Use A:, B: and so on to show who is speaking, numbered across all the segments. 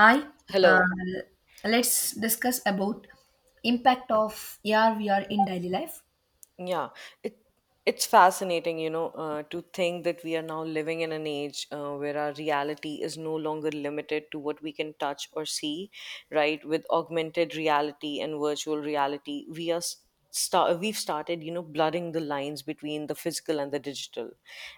A: Hi,
B: Hello.
A: uh, let's discuss about impact of AR VR in daily life.
B: Yeah, it it's fascinating, to think that we are now living in an age where our reality is no longer limited to what we can touch or see, right? With augmented reality and virtual reality, we've started blurring the lines between the physical and the digital.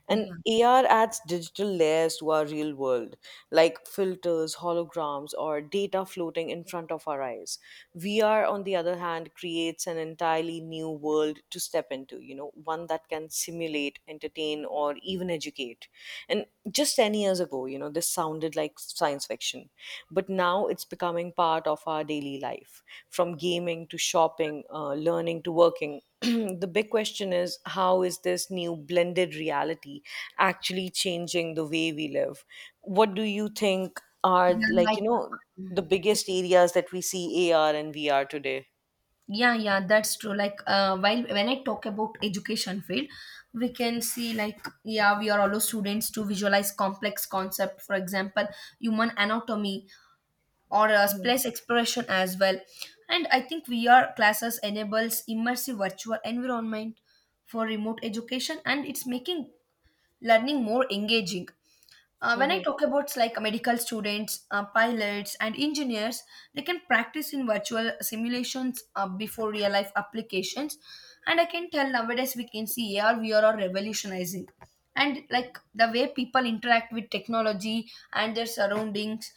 B: And
A: Yeah,
B: AR adds digital layers to our real world, like filters, holograms, or data floating in front of our eyes. VR, on the other hand, creates an entirely new world to step into, you know, one that can simulate, entertain, or even educate. And just 10 years ago, you know, this sounded like science fiction, but now it's becoming part of our daily life, from gaming to shopping, learning to working. The big question is, how is this new blended reality actually changing the way we live? What do you think are,
A: yeah,
B: like
A: like
B: you know
A: um,
B: the biggest
A: it's-
B: areas that we see AR and VR today?
A: yeah, yeah, that's true. Like while when I talk about education field, we can see like yeah, we are allow students to visualize complex concept, for example, human anatomy or place exploration as well. And I think VR classes enables immersive virtual environment for remote education and it's making learning more engaging. When I talk about like medical students, pilots, and engineers, they can practice in virtual simulations before real life applications. And I can tell nowadays we can see AR, VR are revolutionizing. And like the way people interact with technology and their surroundings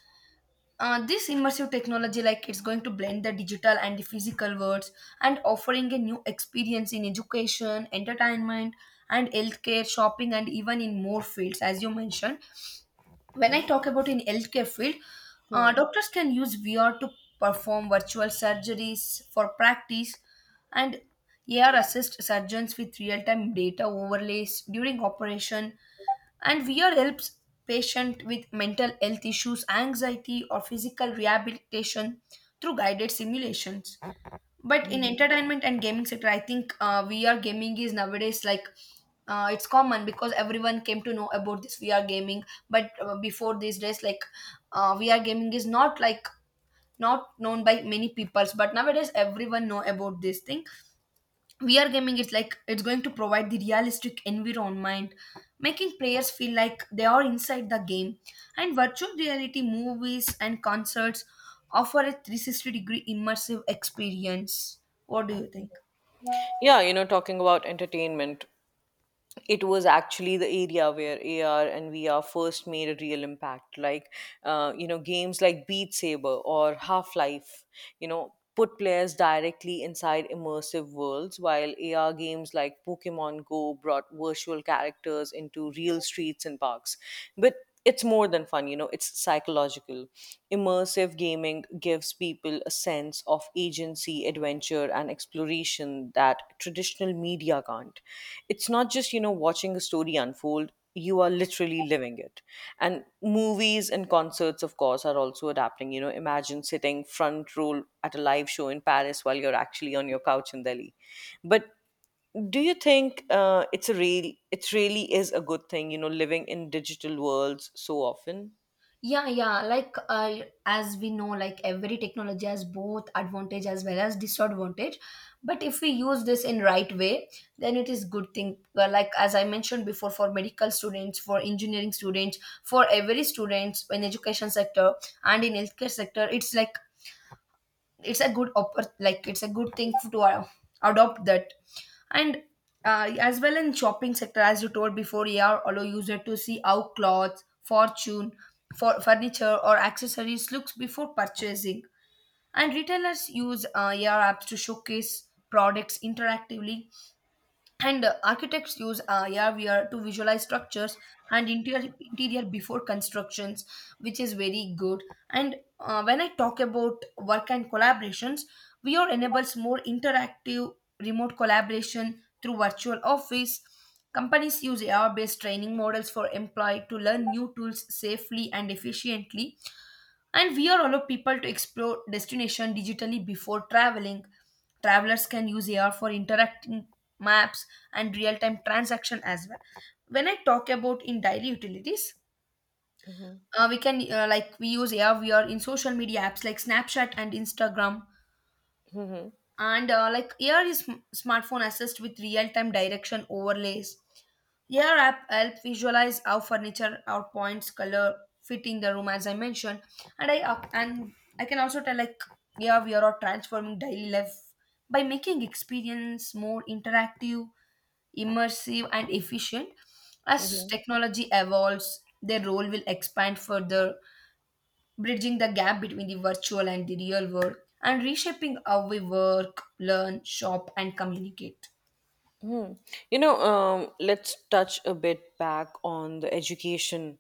A: uh, this immersive technology, like it's going to blend the digital and the physical worlds and offering a new experience in education, entertainment, and healthcare, shopping, and even in more fields, as you mentioned. When I talk about in healthcare field,
B: Mhm.
A: doctors can use VR to perform virtual surgeries for practice, and AR assist surgeons with real-time data overlays during operation, and VR helps patient with mental health issues, anxiety, or physical rehabilitation through guided simulations. But in entertainment and gaming sector, I think VR gaming is nowadays like it's common because everyone came to know about this VR gaming. But before these days, like VR gaming is not like not known by many peoples. But nowadays, everyone know about this thing, VR gaming is like it's going to provide the realistic environment, making players feel like they are inside the game. And virtual reality movies and concerts offer a 360 degree immersive experience. What do you think?
B: Yeah, you know, talking about entertainment, it was actually the area where AR and VR first made a real impact. Games like Beat Saber or Half Life, you know, put players directly inside immersive worlds, while AR games like Pokemon Go brought virtual characters into real streets and parks. But it's more than fun, you know, it's psychological. Immersive gaming gives people a sense of agency, adventure, and exploration that traditional media can't. It's not just, you know, watching a story unfold, you are literally living it. And movies and concerts, of course, are also adapting. You know, imagine sitting front row at a live show in Paris while you're actually on your couch in Delhi. But do you think it really is a good thing, you know, living in digital worlds so often?
A: Yeah, yeah. Like as we know, like every technology has both advantage as well as disadvantage. But if we use this in right way, then it is good thing. Well, like as I mentioned before, for medical students, for engineering students, for every students in education sector and in healthcare sector, it's like it's a like it's a good thing to adopt that. And as well in shopping sector, as you told before, AR allow user to see how clothes fortune for furniture or accessories looks before purchasing, and retailers use AR apps to showcase products interactively, and architects use AR VR to visualize structures and interior before constructions, which is very good. And when I talk about work and collaborations, VR enables more interactive remote collaboration through virtual office. Companies use AR based training models for employee to learn new tools safely and efficiently. And we are allow people to explore destination digitally before traveling. Travelers can use AR for interacting maps and real-time transaction as well. When I talk about in daily utilities
B: Hmm.
A: uh, We can like we use AR VR in social media apps like Snapchat and Instagram.
B: Hmm.
A: And like here is smartphone assist with real-time direction overlays. Here app help visualize how furniture our points color fit in the room as I mentioned. And I up and I can also tell like yeah, we are all transforming daily life by making experience more interactive, immersive and efficient. As
B: Hmm.
A: technology evolves, their role will expand further, bridging the gap between the virtual and the real world, and reshaping how we work, learn, shop, and communicate.
B: Hmm. You know, let's touch a bit back on the education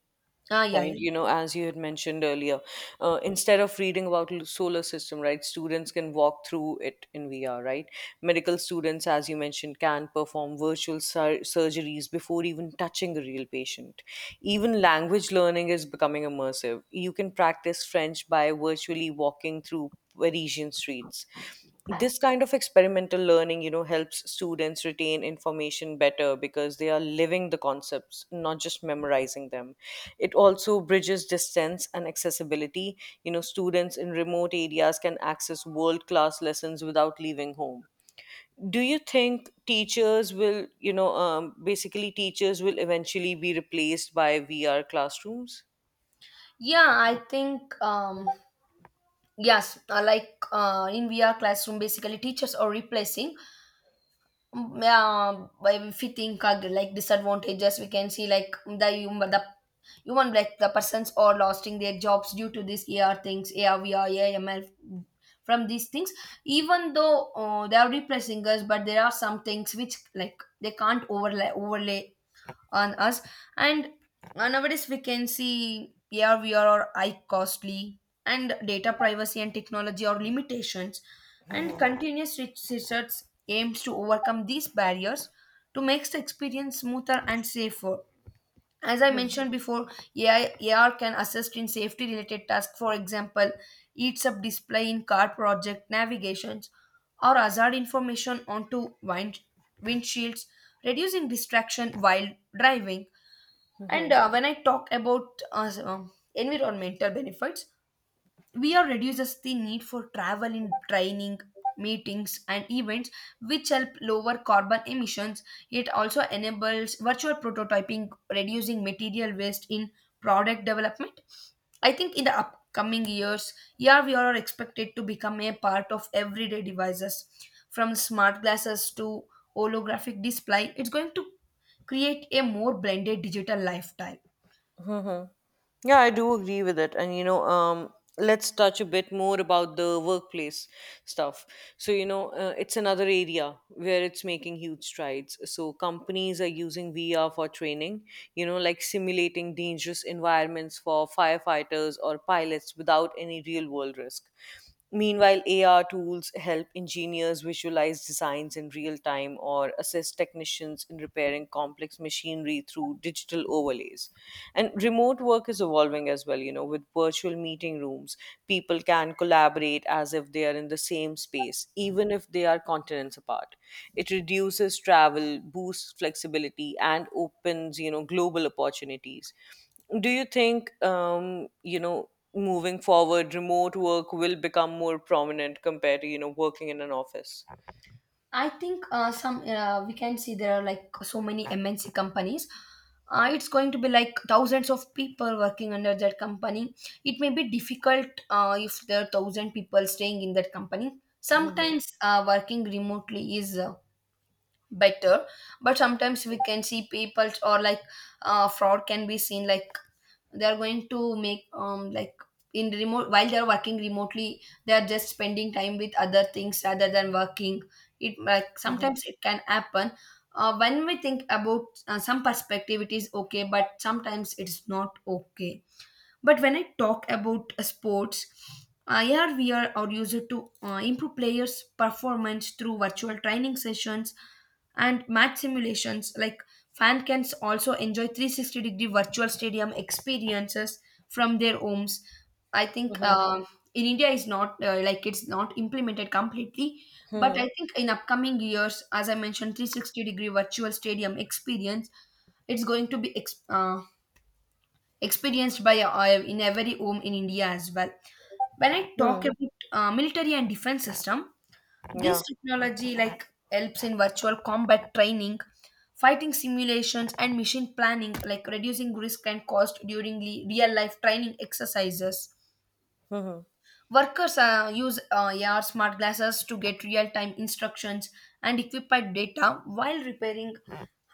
A: Ah, yeah,
B: point,
A: yeah.
B: you know, as you had mentioned earlier. Uh, Instead of reading about solar system, right, students can walk through it in VR, right? Medical students, as you mentioned, can perform virtual surgeries before even touching a real patient. Even language learning is becoming immersive. You can practice French by virtually walking through Parisian streets. This kind of experimental learning, you know, helps students retain information better because they are living the concepts, not just memorizing them. It also bridges distance and accessibility. You know, students in remote areas can access world class lessons without leaving home. Do you think teachers will, basically, teachers will eventually be replaced by VR classrooms?
A: Yeah, I think yes, like in VR classroom, basically teachers are replacing. Mm, yeah, by if we think of like disadvantages, we can see like the human like the persons are losing their jobs due to these AR things, AR, VR, from these things. Even though they are replacing us, but there are some things which like they can't overlay on us. And nowadays we can see ARVR or high costly, and data privacy and technology or limitations, and
B: Hmm.
A: continuous research aims to overcome these barriers to make the experience smoother and safer. As I mentioned before, AI AR can assist in safety related tasks. For example, heats up display in car project navigations or hazard information onto windshields, reducing distraction while driving. And
B: Hmm.
A: when I talk about environmental benefits, we are reduces the need for travel in training, meetings, and events, which help lower carbon emissions. It also enables virtual prototyping, reducing material waste in product development. I think in the upcoming years, AR/VR are expected to become a part of everyday devices, from smart glasses to holographic display. It's going to create a more blended digital lifestyle.
B: Mm-hmm. Yeah, I do agree with it. And, you know, let's touch a bit more about the workplace stuff. So, you know, it's another area where it's making huge strides. So, companies are using VR for training, you know, like simulating dangerous environments for firefighters or pilots without any real world risk. Meanwhile, AR tools help engineers visualize designs in real time or assist technicians in repairing complex machinery through digital overlays. And remote work is evolving as well, you know, with virtual meeting rooms. People can collaborate as if they are in the same space, even if they are continents apart. It reduces travel, boosts flexibility, and opens, you know, global opportunities. Do you think, you know, moving forward, remote work will become more prominent compared to, you know, working in an office?
A: I think some we can see there are like so many MNC companies. It's going to be like thousands of people working under that company. It may be difficult if there are thousand people staying in that company.
B: Mm-hmm.
A: Sometimes working remotely is better, but sometimes we can see people or like fraud can be seen. Like they are going to make like in remote while they are working remotely, they are just spending time with other things rather than working. It like
B: Mm-hmm.
A: sometimes it can happen. When we think about some perspective it is okay, but sometimes it's not okay. But when I talk about sports, IRVR are used to improve players' performance through virtual training sessions and match simulations. Like fan can also enjoy 360 degree virtual stadium experiences from their homes. I think
B: Mm-hmm.
A: in India is not like it's not implemented completely, but
B: Mm-hmm.
A: I think in upcoming years, as I mentioned, 360 degree virtual stadium experience, it's going to be experienced by in every home in India as well. When I talk
B: Mm-hmm.
A: about military and defense system, this
B: Yeah.
A: technology like helps in virtual combat training, fighting simulations, and mission planning, like reducing risk and cost during real life training exercises.
B: Mm-hmm.
A: Workers use AR smart glasses to get real time instructions and equipped data while repairing,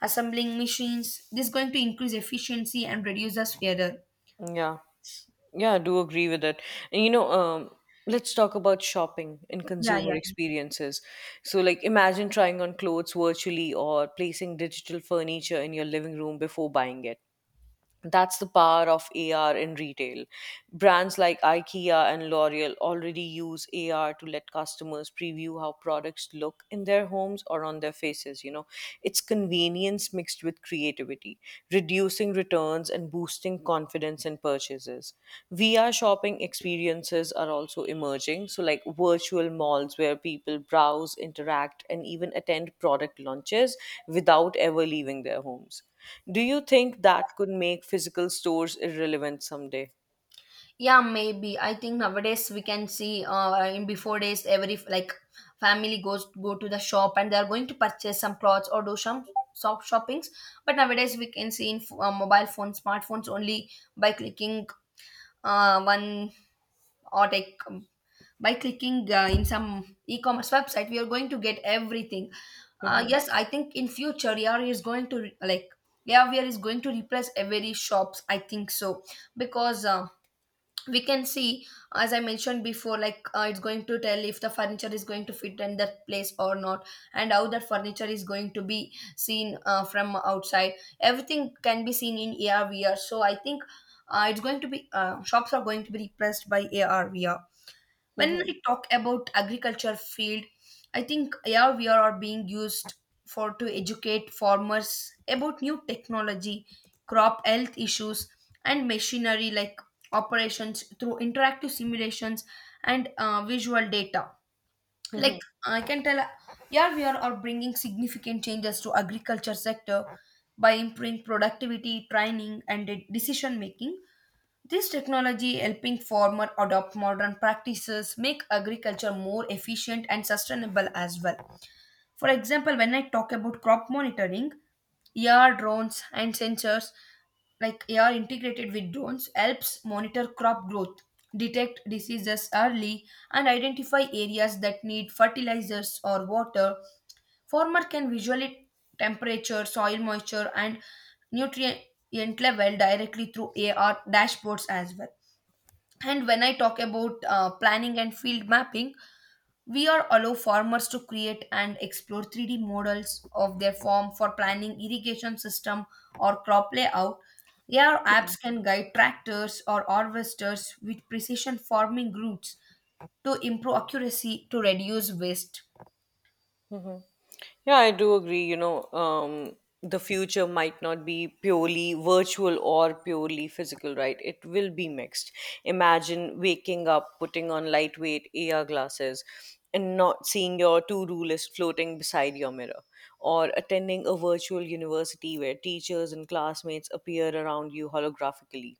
A: assembling machines. This is going to increase efficiency and reduces error.
B: Yeah. Yeah, I do agree with that. And you know, let's talk about shopping and
A: Yeah,
B: consumer
A: yeah.
B: experiences. So, like, imagine trying on clothes virtually or placing digital furniture in your living room before buying it. That's the power of AR in retail. Brands like IKEA and L'Oreal already use AR to let customers preview how products look in their homes or on their faces, you know. It's convenience mixed with creativity, reducing returns and boosting confidence in purchases. VR shopping experiences are also emerging, so like virtual malls where people browse, interact, and even attend product launches without ever leaving their homes. Do you think that could make physical stores irrelevant someday?
A: Yeah, maybe. I think nowadays we can see in before days every like family goes go to the shop and they are going to purchase some clothes or do some shoppings. But nowadays we can see in mobile phones, smartphones only by clicking one or like by clicking in some e-commerce website we are going to get everything.
B: Mhm.
A: Yes, I think in future AR is going to replace every shops. I think so because. We can see, as I mentioned before, like it's going to tell if the furniture is going to fit in that place or not, and how that furniture is going to be seen from outside. Everything can be seen in ARVR, so I think it's going to be shops are going to be replaced by ARVR. When
B: Mhm.
A: we talk about agriculture field, I think yeah we are being used for to educate farmers about new technology, crop health issues, and machinery like operations through interactive simulations and visual data. Like
B: Mhm.
A: I can tell, yeah, we are bringing significant changes to agriculture sector by improving productivity, training, and decision making. This technology helping farmer adopt modern practices, make agriculture more efficient and sustainable as well. For example, when I talk about crop monitoring, AR drones and sensors like AR integrated with drones helps monitor crop growth, detect diseases early and identify areas that need fertilizers or water. Farmer can visually temperature, soil moisture and nutrient level directly through AR dashboards as well. And when I talk about planning and field mapping, we are allow farmers to create and explore 3D models of their farm for planning irrigation system or crop layout. AR apps can guide tractors or harvesters with precision farming routes to improve accuracy to reduce waste.
B: Mhm. Yeah, I do agree. You know, the future might not be purely virtual or purely physical, right? It will be mixed. Imagine waking up, putting on lightweight AR glasses, and not seeing your to do list floating beside your mirror, or attending a virtual university where teachers and classmates appear around you holographically.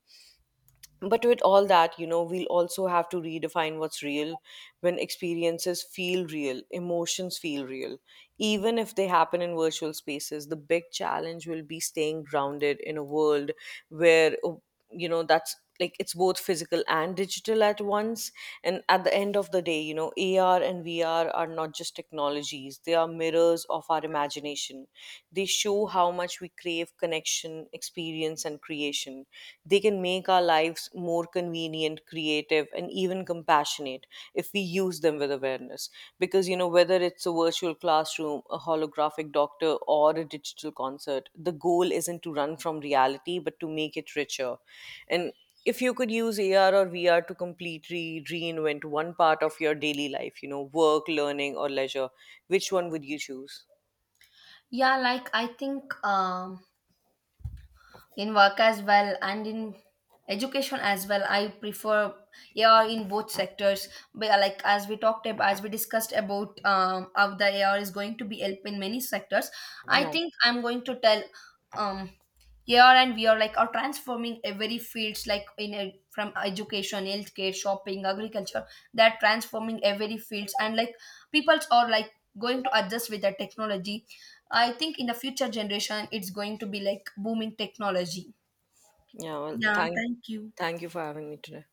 B: But with all that, you know, we'll also have to redefine what's real when experiences feel real, emotions feel real. Even if they happen in virtual spaces, the big challenge will be staying grounded in a world where, oh, you know, that's like, it's both physical and digital at once. And at the end of the day, you know, AR and VR are not just technologies, they are mirrors of our imagination. They show how much we crave connection, experience, and creation. They can make our lives more convenient, creative, and even compassionate if we use them with awareness. Because, you know, whether it's a virtual classroom, a holographic doctor, or a digital concert, the goal isn't to run from reality, but to make it richer. And if you could use AR or VR to completely reinvent one part of your daily life, you know, work, learning, or leisure, which one would you choose?
A: Yeah, like I think in work as well, and in education as well, I prefer AR in both sectors. But like as we discussed about how the ar is going to be help in many sectors, I
B: Yeah.
A: think I'm going to tell um, yeah, and we are transforming every fields like from education, healthcare, shopping, agriculture. They're transforming every fields. And like peoples are like going to adjust with the technology. I think in the future generation, it's going to be like booming technology.
B: Yeah. Well,
A: Yeah,
B: thank,
A: thank you.
B: thank you for having me today.